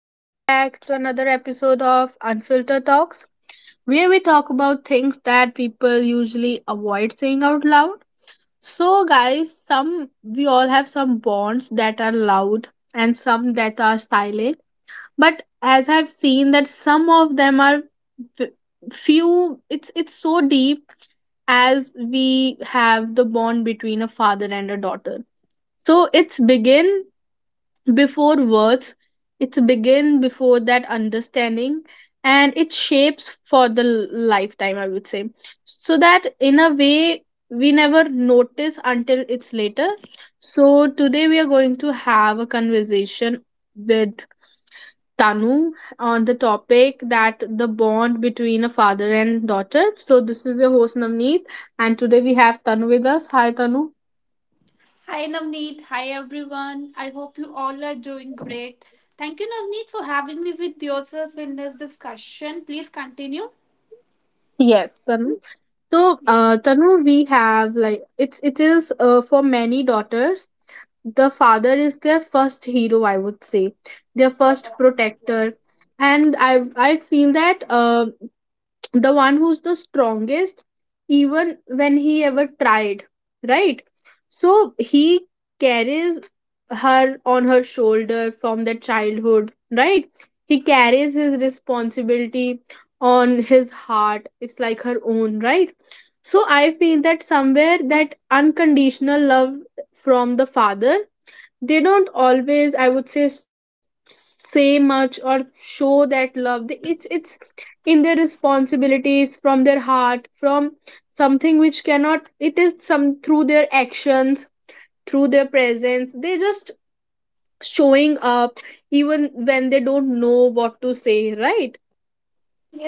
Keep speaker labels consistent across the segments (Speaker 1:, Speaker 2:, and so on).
Speaker 1: Welcome back to another episode of Unfiltered Talks, where we talk about things that people usually avoid saying out loud. So, guys, some we all have some bonds that are loud and some that are silent. But as I've seen that some of them are f- few. It's so deep as we have the bond between a father and a daughter. So it's begin before words, it's begin before that understanding, and it shapes for the lifetime, I would say. So that in a way we never notice until it's later. So today we are going to have a conversation with Tanu on the topic that the bond between a father and daughter. So this is your host Navneet, and today we have Tanu with us. Hi Tanu.
Speaker 2: Hi Navneet, hi everyone. I hope you all are doing great. Thank you, Navneet, for having me with yourself in this discussion. Please continue.
Speaker 1: Yes. Tanu. So,
Speaker 2: Yes.
Speaker 1: Tanu, we have like it is for many daughters, the father is their first hero. I would say their first protector, and I feel that the one who's the strongest even when he ever tried, right? So he carries her on her shoulder from the childhood, right? He carries his responsibility on his heart, it's like her own, right? So I feel that somewhere that unconditional love from the father, they don't always, I would say, say much or show that love. It's in their responsibilities, from their heart, from something which cannot, it is some through their actions, through their presence, they just showing up even when they don't know what to say, right?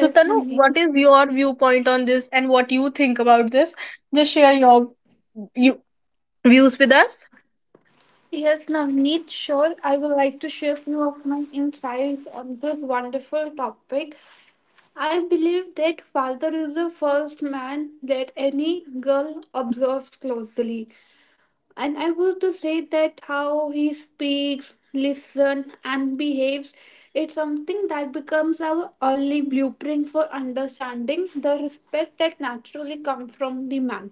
Speaker 1: So Tanu,
Speaker 2: Navneet.
Speaker 1: what is your viewpoint on this and what you think about this? Just share your you, views with us.
Speaker 2: Yes, Navneet, sure. I would like to share few of my insights on this wonderful topic. I believe that father is the first man that any girl observes closely. And I want to say that how he speaks, listens and behaves, it's something that becomes our only blueprint for understanding the respect that naturally comes from the man.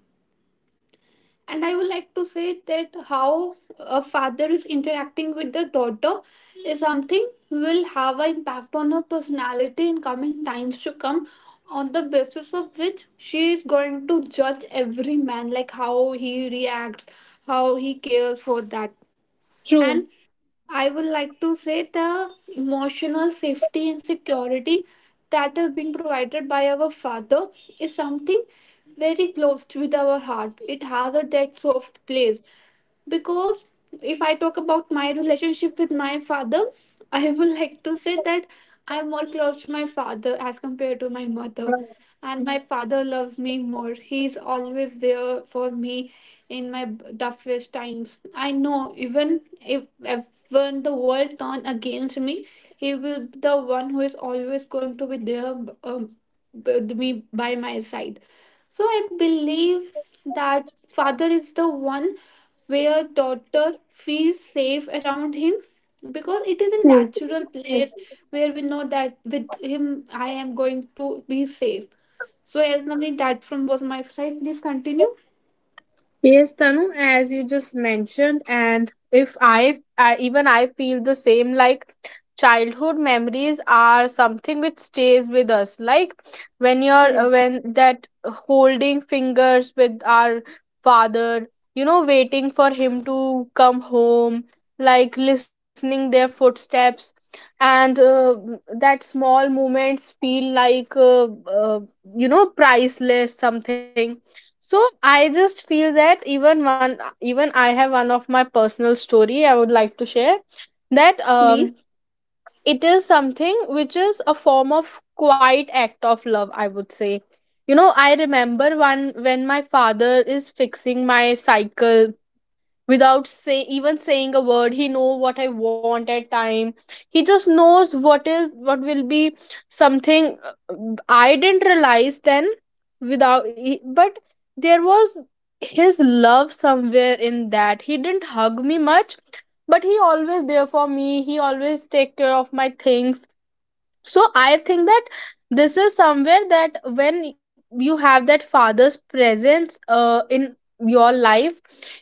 Speaker 2: And I would like to say that how a father is interacting with the daughter is something will have an impact on her personality in coming times to come, on the basis of which she is going to judge every man, like how he reacts, how he cares for that.
Speaker 1: True.
Speaker 2: And I would like to say the emotional safety and security that is being provided by our father is something very close to with our heart. It has a dead soft place because if I talk about my relationship with my father, I would like to say that I'm more close to my father as compared to my mother. And my father loves me more. He's always there for me in my toughest times. I know even if when the world turns against me, he will be the one who is always going to be there um, with me by my side. So I believe that father is the one where daughter feels safe around him because it is a
Speaker 1: True.
Speaker 2: natural place where we know that with him I am going to be safe. So as Navneet, that from was my side. Please continue.
Speaker 1: Yes, Tanu, as you just mentioned, and if I even I feel the same. Like childhood memories are something which stays with us. Like when you're
Speaker 2: Yes.
Speaker 1: when that holding fingers with our father, you know, waiting for him to come home, like listening their footsteps, and that small moments feel like uh, you know, priceless something. So I just feel that even one, even I have one of my personal story I would like to share that,
Speaker 2: Please?
Speaker 1: it is something which is a form of quiet act of love, I would say. You know, I remember one when my father is fixing my cycle without say even saying a word, he know what I want at time. He just knows what is, what will be something. I didn't realize then without but there was his love somewhere in that. He didn't hug me much, but he always there for me, he always take care of my things. So I think that this is somewhere that when you have that father's presence in your life,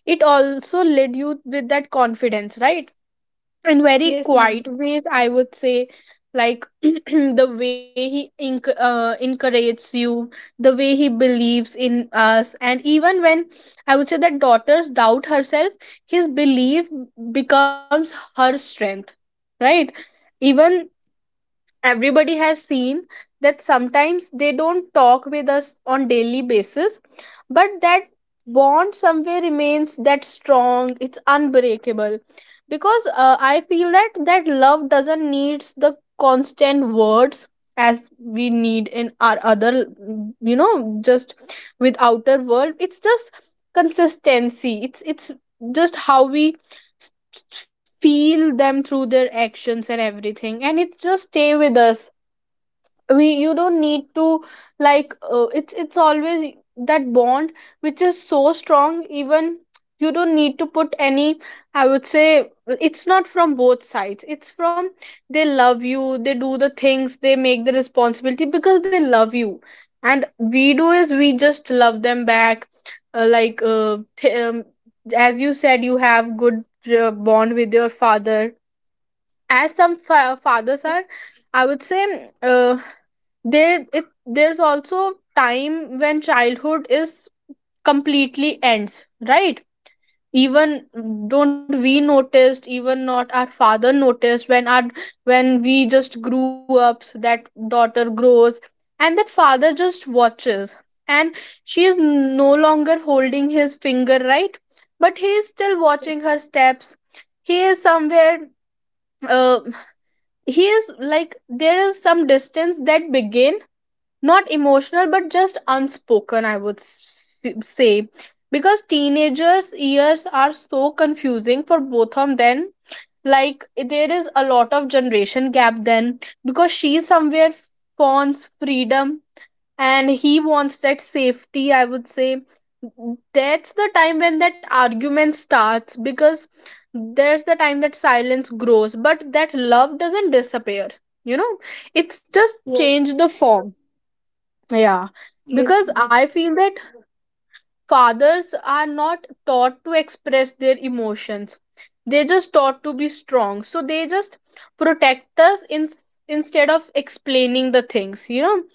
Speaker 1: it also led you with that confidence, right? In very
Speaker 2: Yes,
Speaker 1: quiet
Speaker 2: Navneet.
Speaker 1: ways, I would say. Like the way he encourages you, the way he believes in us, and even when, I would say that daughters doubt herself, his belief becomes her strength, right? Even everybody has seen that sometimes they don't talk with us on daily basis, but that bond somewhere remains that strong, it's unbreakable. Because I feel that that love doesn't needs the constant words as we need in our other, you know, just with outer world. It's just consistency, it's just how we feel them through their actions and everything, and it just stay with us. We You don't need to, like it's always that bond which is so strong. Even you don't need to put any, I would say, it's not from both sides, it's from, they love you, they do the things, they make the responsibility because they love you, and we do is we just love them back. Like as you said, you have good bond with your father. As some fathers are, I would say, uh there it there's also time when childhood is completely ends, right? Even don't we noticed, even not our father noticed when our, when we just grew up. So that daughter grows and that father just watches, and she is no longer holding his finger, right? But he is still watching her steps. He is somewhere, uh, he is like there is some distance that begin, not emotional but just unspoken, I would say. Because teenagers years are so confusing for both of them, like there is a lot of generation gap then, because she somewhere wants freedom and he wants that safety, I would say. That's the time when that argument starts, because there's the time that silence grows but that love doesn't disappear, you know, it's just changed
Speaker 2: Yes.
Speaker 1: the form. Yeah,
Speaker 2: Yes.
Speaker 1: because
Speaker 2: Navneet.
Speaker 1: I feel that fathers are not taught to express their emotions. They just taught to be strong. So they just protect us in, instead of explaining the things, you know,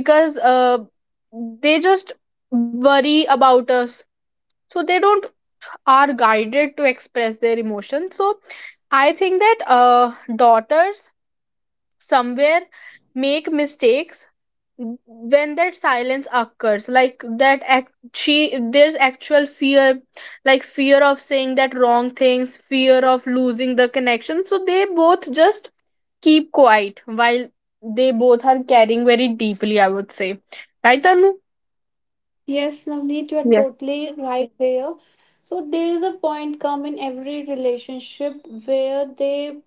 Speaker 1: because they just worry about us. So they don't are guided to express their emotions. So I think that daughters somewhere make mistakes. When that silence occurs, like that act, she there's actual fear, like fear of saying that wrong things, fear of losing the connection, so they both just keep quiet while they both are caring very deeply, I would say, right Tanu?
Speaker 2: Yes, Navneet, you are
Speaker 1: Yes,
Speaker 2: totally right there. So there is a point come in every relationship where they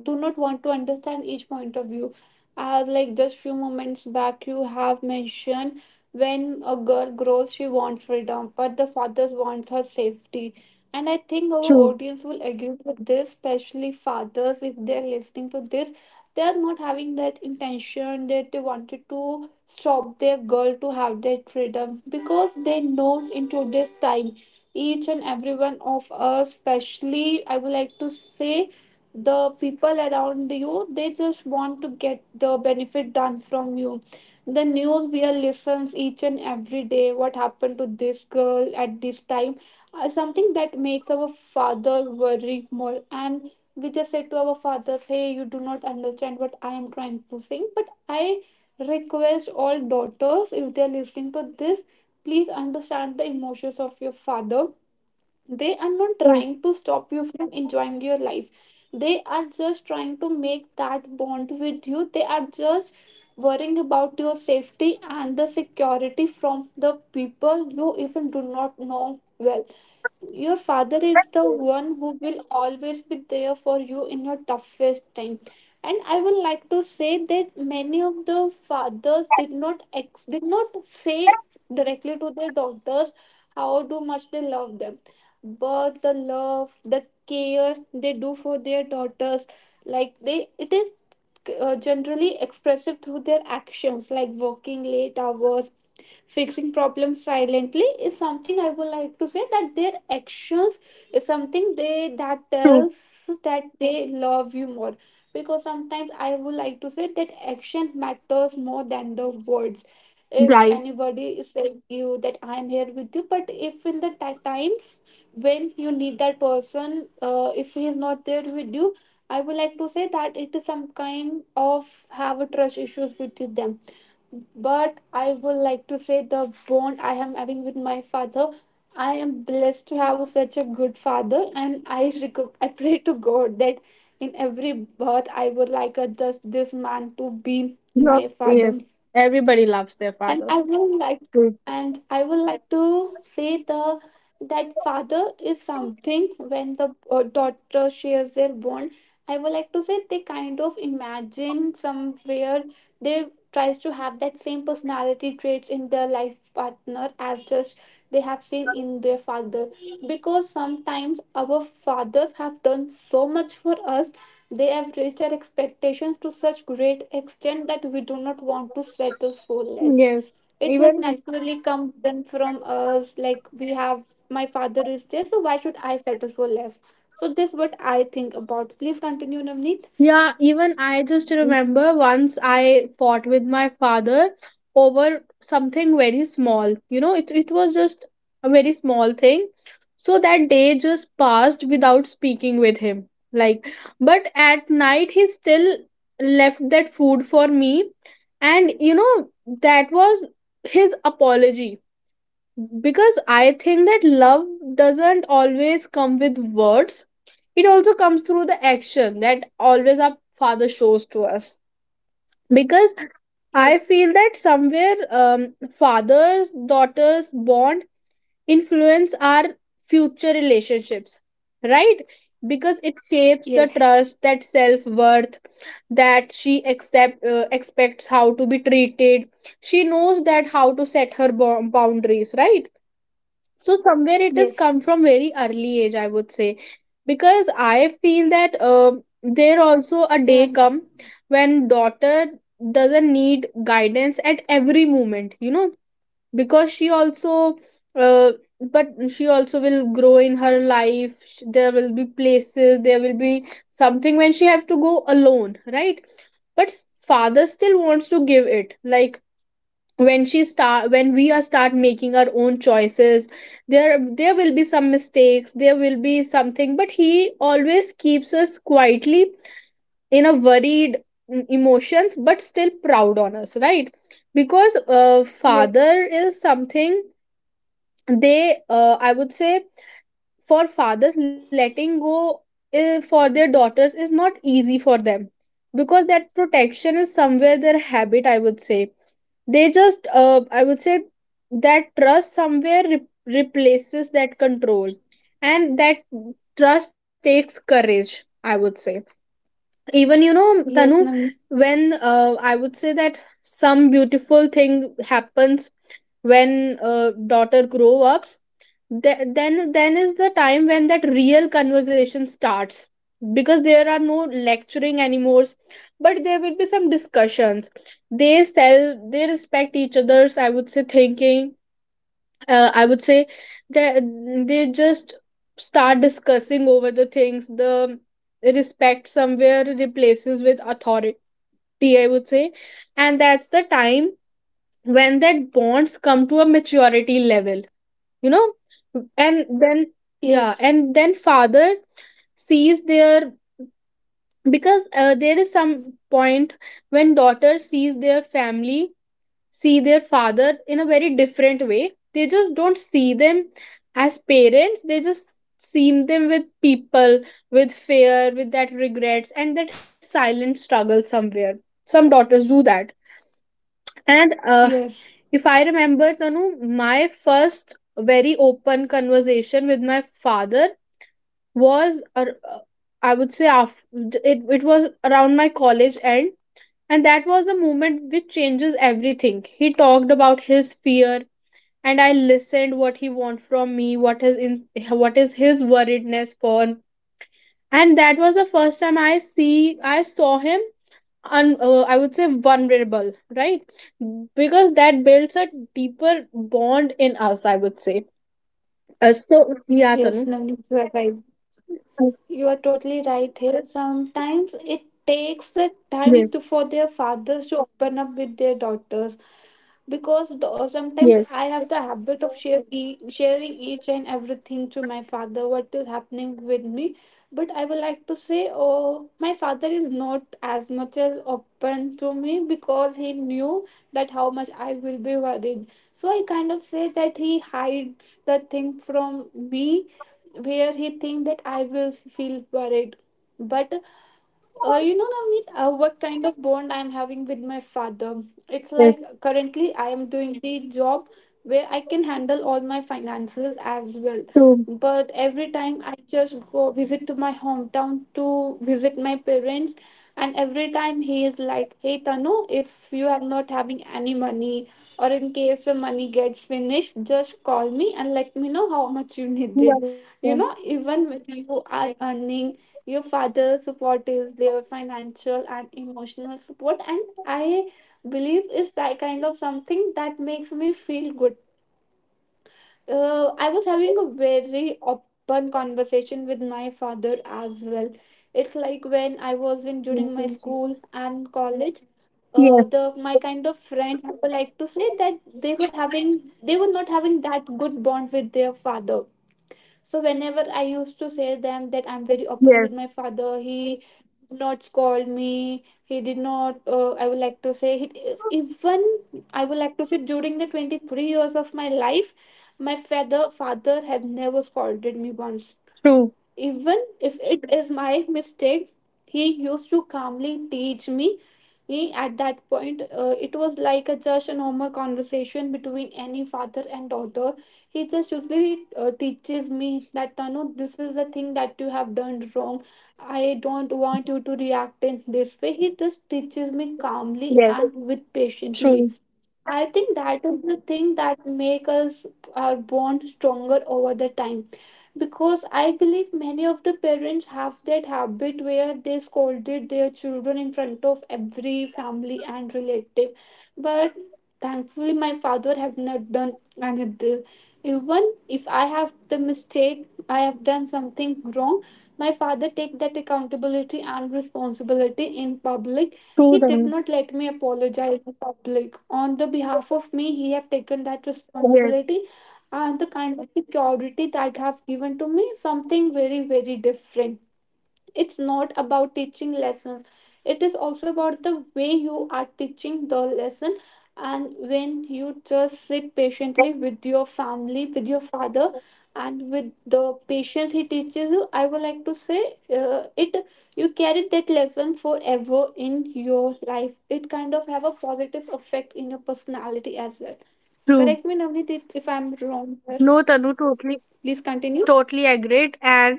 Speaker 2: do not want to understand each point of view. As like just few moments back you have mentioned when a girl grows she wants freedom, but the father wants her safety. And I think our
Speaker 1: true,
Speaker 2: audience will agree with this, especially fathers if they're listening to this. They are not having that intention that they wanted to stop their girl to have that freedom because they know into this time each and every one of us, especially I would like to say, the people around you, they just want to get the benefit done from you. The news we are listens each and every day, what happened to this girl at this time, something that makes our father worry more. And we just say to our fathers, hey, you do not understand what I am trying to sing, but I request all daughters, if they are listening to this, please understand the emotions of your father. They are not trying
Speaker 1: true,
Speaker 2: to stop you from enjoying your life. They are just trying to make that bond with you. They are just worrying about your safety and the security from the people you even do not know well. Your father is the one who will always be there for you in your toughest time. And I would like to say that many of the fathers did not say directly to their daughters how do much they love them. But the love, the care they do for their daughters, like they it is generally expressive through their actions, like working late hours, fixing problems silently, is something I would like to say that their actions is something they that
Speaker 1: true.
Speaker 2: tells that they love you more. Because sometimes I would like to say that action matters more than the words. If
Speaker 1: Right.
Speaker 2: anybody is saying you that I am here with you, but if in the times when you need that person, if he is not there with you, I would like to say that it is some kind of have a trust issues with you them. But I would like to say the bond I am having with my father. I am blessed to have such a good father, and I pray to God that in every birth I would like just this man to be
Speaker 1: Yeah.
Speaker 2: my
Speaker 1: Yes,
Speaker 2: father.
Speaker 1: everybody loves their
Speaker 2: and
Speaker 1: father.
Speaker 2: i will like
Speaker 1: True.
Speaker 2: and I would like to say the that father is something when the daughter shares their bond. I would like to say they kind of imagine somewhere they tries to have that same personality traits in their life partner as just they have seen in their father. Because sometimes our fathers have done so much for us, they have raised our expectations to such great extent that we do not want to settle for less.
Speaker 1: Yes,
Speaker 2: It's like
Speaker 1: even.
Speaker 2: naturally come done from us, like we have, my father is there, so why should I settle for less? So this what I think about. Please continue, Navneet.
Speaker 1: Yeah, even I just
Speaker 2: Mm.
Speaker 1: remember once I fought with my father over something very small. You know, it was just a very small thing. So that day just passed without speaking with him. Like, but at night he still left that food for me. And, you know, that was his apology. Because I think that love doesn't always come with words, it also comes through the action that always our father shows to us. Because I
Speaker 2: Yes.
Speaker 1: feel that somewhere, um, fathers daughters bond influence our future relationships, right? Because it shapes the
Speaker 2: Yes.
Speaker 1: trust, that self worth, that she accept expects how to be treated, she knows that how to set her boundaries, right? So somewhere it has
Speaker 2: Yes.
Speaker 1: come from very early age, I would say. Because I feel that there also a day
Speaker 2: Yeah.
Speaker 1: come when daughter doesn't need guidance at every moment, you know, because she also, uh, but she also will grow in her life. There will be places, there will be something when she have to go alone, right? But father still wants to give it. Like when she start, when we are start making our own choices, there will be some mistakes, there will be something, but he always keeps us quietly in a worried, emotions, but still proud on us, right? Because
Speaker 2: Yes.
Speaker 1: father is something they, I would say, for fathers letting go, for their daughters is not easy for them, because that protection is somewhere their habit, I would say. They just, I would say that trust somewhere replaces that control, and that trust takes courage, I would say. Even you know, Tanu,
Speaker 2: Yes, Navneet.
Speaker 1: when, I would say that some beautiful thing happens when, daughter grow ups, then is the time when that real conversation starts, because there are no lecturing anymore, but there will be some discussions. They sell, they respect each other's, I would say, thinking. I would say that they just start discussing over the things. The respect somewhere replaces with authority, I would say, and that's the time when that bonds come to a maturity level, you know. And then, yeah,
Speaker 2: Yes.
Speaker 1: and then father sees their, because there is some point when daughter sees their family, see their father in a very different way. They just don't see them as parents, they just see them with people, with fear, with that regrets and that silent struggle somewhere. Some daughters do that. And
Speaker 2: Yes.
Speaker 1: if I remember, Tanu, my first very open conversation with my father was I would say after, it was around my college end, and that was the moment which changes everything. He talked about his fear, and I listened what he want from me, what is in, what is his worriedness for. And that was the first time I saw him, I would say, vulnerable, right? Because that builds a deeper bond in us, I would say. So yeah,
Speaker 2: Yes,
Speaker 1: Tanu.
Speaker 2: Navneet, you are right.
Speaker 1: Uh,
Speaker 2: You are totally right here. Sometimes it takes the time to
Speaker 1: Yes,
Speaker 2: for their fathers to open up with their daughters. Because sometimes
Speaker 1: yes,
Speaker 2: I have the habit of sharing each and everything to my father, what is happening with me. But I would like to say, oh, my father is not as much as open to me because he knew that how much I will be worried. So I kind of say that he hides the thing from me where he think that I will feel worried. But Navneet, what kind of bond I'm having with my father. It's
Speaker 1: yes.
Speaker 2: like currently I am doing the job where I can handle all my finances as well.
Speaker 1: True.
Speaker 2: But every time I just go visit to my hometown to visit my parents, and every time he is like, "Hey Tanu, if you are not having any money, or in case your money gets finished, just call me and let me know how much you
Speaker 1: Yeah.
Speaker 2: needed."
Speaker 1: Yes.
Speaker 2: Even when you are earning, your father's support is their financial and emotional support, and I believe it's that kind of something that makes me feel good. I was having a very open conversation with my father as well. It's like when I was in during my school and college. The my kind of friends, I would like to say that they were not having that good bond with their father. So whenever I used to say them that I'm very open with
Speaker 1: Yes.
Speaker 2: my father, he did not scold me. He did not. I would like to say, even I would like to say during the 23 years of my life, my father have never scolded me once.
Speaker 1: True.
Speaker 2: Even if it is my mistake, he used to calmly teach me. At that point, it was like a just a normal conversation between any father and daughter. He just usually teaches me that Tanu, this is the thing that you have done wrong. I don't want you to react in this way. He just teaches me calmly
Speaker 1: Yes.
Speaker 2: and with patiently.
Speaker 1: True.
Speaker 2: I think that is the thing that make us our bond stronger over the time. Because I believe many of the parents have that habit where they scolded their children in front of every family and relative. But thankfully my father have not done anything. Even if I have the mistake, I have done something wrong, my father take that accountability and responsibility in public.
Speaker 1: True,
Speaker 2: He did
Speaker 1: Tanu.
Speaker 2: not let me apologize in public. On the behalf of me, he have taken that
Speaker 1: Yes.
Speaker 2: responsibility, and the kind of security that have given to me something very, very different. It's not about teaching lessons, it is also about the way you are teaching the lesson. And when you just sit patiently with your family, with your father, and with the patience he teaches you, I would like to say, it you carry that lesson forever in your life. It kind of have a positive effect in your personality as well.
Speaker 1: True.
Speaker 2: Correct me, Navneet, if I'm wrong here.
Speaker 1: No, Tanu, totally.
Speaker 2: Please continue.
Speaker 1: Totally agreed, and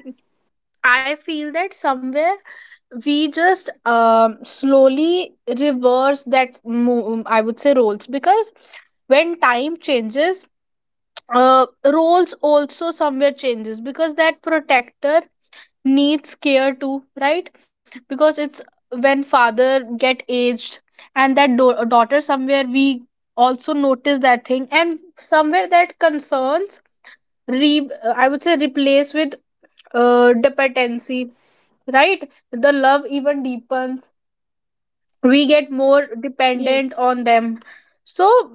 Speaker 1: I feel that somewhere we just, slowly reverse that I would say roles. Because when time changes, uh, roles also somewhere changes, because that protector needs care too, right? Because it's when father get aged and that daughter somewhere, we also notice that thing, and somewhere that concerns re I would say replace with dependency, right? The love even deepens. We get more
Speaker 2: Yes.
Speaker 1: dependent on them. So,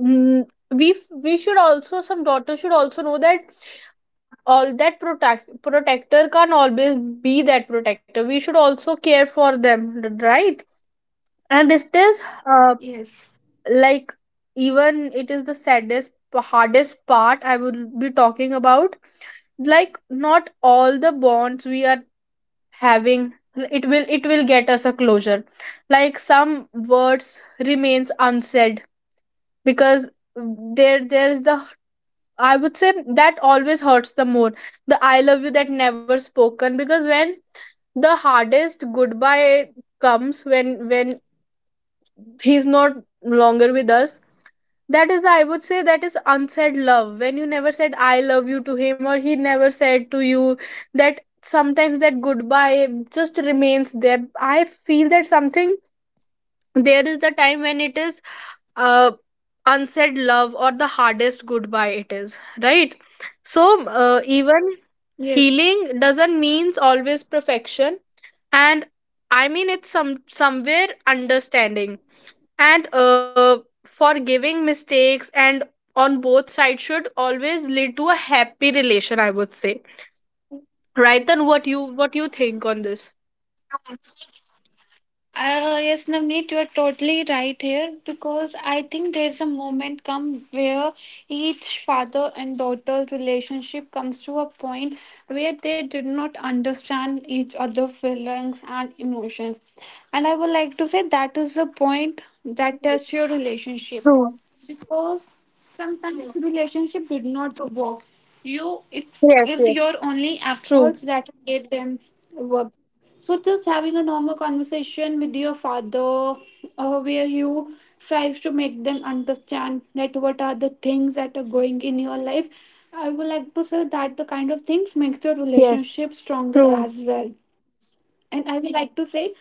Speaker 1: mm, we we should also, some daughters should also know that all that protector can not always be that protector. We should also care for them, right? And it is,
Speaker 2: Yes.
Speaker 1: like even it is the saddest hardest part I will be talking about. Like not all the bonds we are having, it will, it will get us a closure. Like some words remains unsaid, because there there's the, I would say, that always hurts the more, the I love you that never spoken. Because when the hardest goodbye comes when he's not longer with us, that is, I would say, that is unsaid love, when you never said I love you to him or he never said to you, that sometimes that goodbye just remains there. I feel that something, there is the time when it is, uh unsaid love or the hardest goodbye, it is, right? So, even healing doesn't means always perfection, and I mean it's some somewhere understanding, and forgiving mistakes and on both sides should always lead to a happy relation, I would say. Right, then what you, what you think on this?
Speaker 2: Yes. Yes, Navneet, you are totally right here because I think there's a moment come where each father and daughter's relationship comes to a point where they did not understand each other's feelings and emotions. And I would like to say that is the point
Speaker 1: Yes,
Speaker 2: that tests your relationship.
Speaker 1: true.
Speaker 2: Because sometimes relationship did not work, you it
Speaker 1: Yes,
Speaker 2: is
Speaker 1: yes,
Speaker 2: your only
Speaker 1: true.
Speaker 2: efforts that get them work. So just having a normal conversation with your father, where you tries to make them understand that what are the things that are going in your life, I would like to say that the kind of things makes your
Speaker 1: Yes,
Speaker 2: relationship stronger
Speaker 1: true.
Speaker 2: as well. And I would like to say,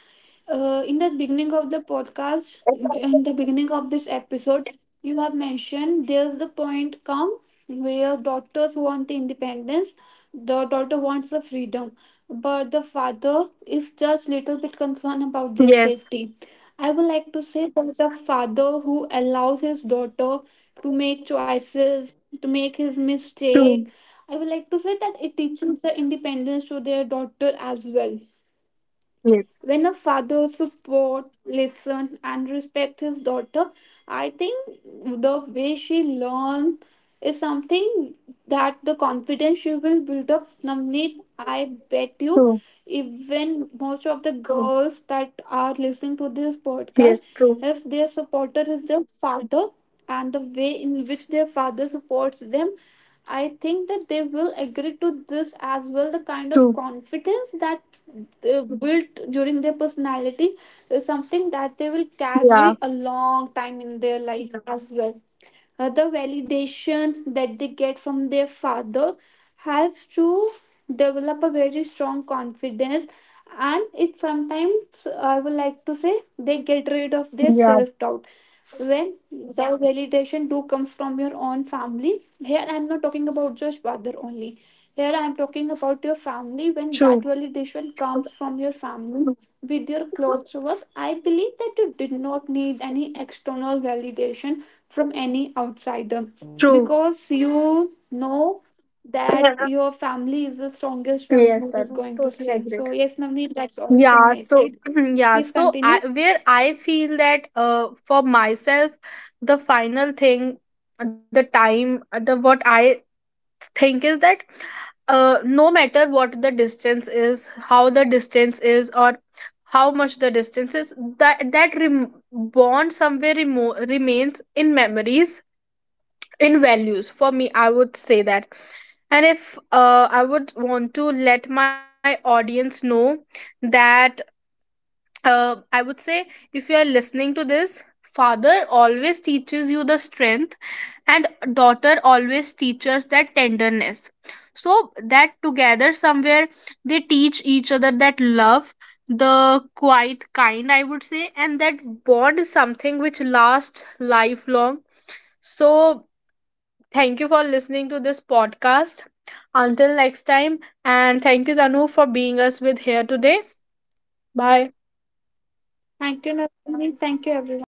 Speaker 2: in the beginning of the podcast, in the beginning of this episode, you have mentioned there's the point come where daughters want the independence, the daughter wants the freedom, but the father is just little bit concerned about their
Speaker 1: Yes,
Speaker 2: safety. I would like to say there's a father who allows his daughter to make choices, to make his mistake.
Speaker 1: true.
Speaker 2: I would like to say that it teaches the independence to their daughter as well.
Speaker 1: Yes,
Speaker 2: When a father supports, listen and respect his daughter, I think the way she learns is something that the confidence she will build up, Namneet, I bet you
Speaker 1: true.
Speaker 2: even most of the girls that are listening to this
Speaker 1: Yes,
Speaker 2: podcast,
Speaker 1: true.
Speaker 2: if their supporter is their father and the way in which their father supports them, I think that they will agree to this as well. The kind of
Speaker 1: True.
Speaker 2: confidence that they built during their personality is something that they will
Speaker 1: Yeah,
Speaker 2: carry a long time in their life as well. The validation that they get from their father helps to develop a very strong confidence, and it sometimes I would like to say they get rid of their
Speaker 1: yeah,
Speaker 2: self doubt. When the validation do comes from your own family, here I'm not talking about just father only, here I'm talking about your family, when
Speaker 1: true.
Speaker 2: that validation comes from your family with your close ones, I believe that you did not need any external validation from any outsider.
Speaker 1: True.
Speaker 2: Because you know that your family is the strongest one
Speaker 1: Yes,
Speaker 2: who
Speaker 1: I
Speaker 2: is
Speaker 1: do.
Speaker 2: going to
Speaker 1: Totally
Speaker 2: stay.
Speaker 1: agree.
Speaker 2: So yes, Navneet, that's all from
Speaker 1: Yeah,
Speaker 2: my
Speaker 1: so
Speaker 2: side.
Speaker 1: yeah,
Speaker 2: Please
Speaker 1: so I,
Speaker 2: continue.
Speaker 1: where I feel that for myself the final thing, the time, the what I think is that, no matter what the distance is, how the distance is, or how much the distance is, that that bond somewhere remains in memories, in values, for me I would say that. And if I would want to let my audience know that, I would say, if you are listening to this, father always teaches you the strength, and daughter always teaches that tenderness. So that together somewhere they teach each other that love, the quiet kind, I would say, and that bond is something which lasts lifelong. So thank you for listening to this podcast. Until next time, and thank you Tanu for being us with here today. Bye.
Speaker 2: Thank you, Navneet. Thank you, everyone.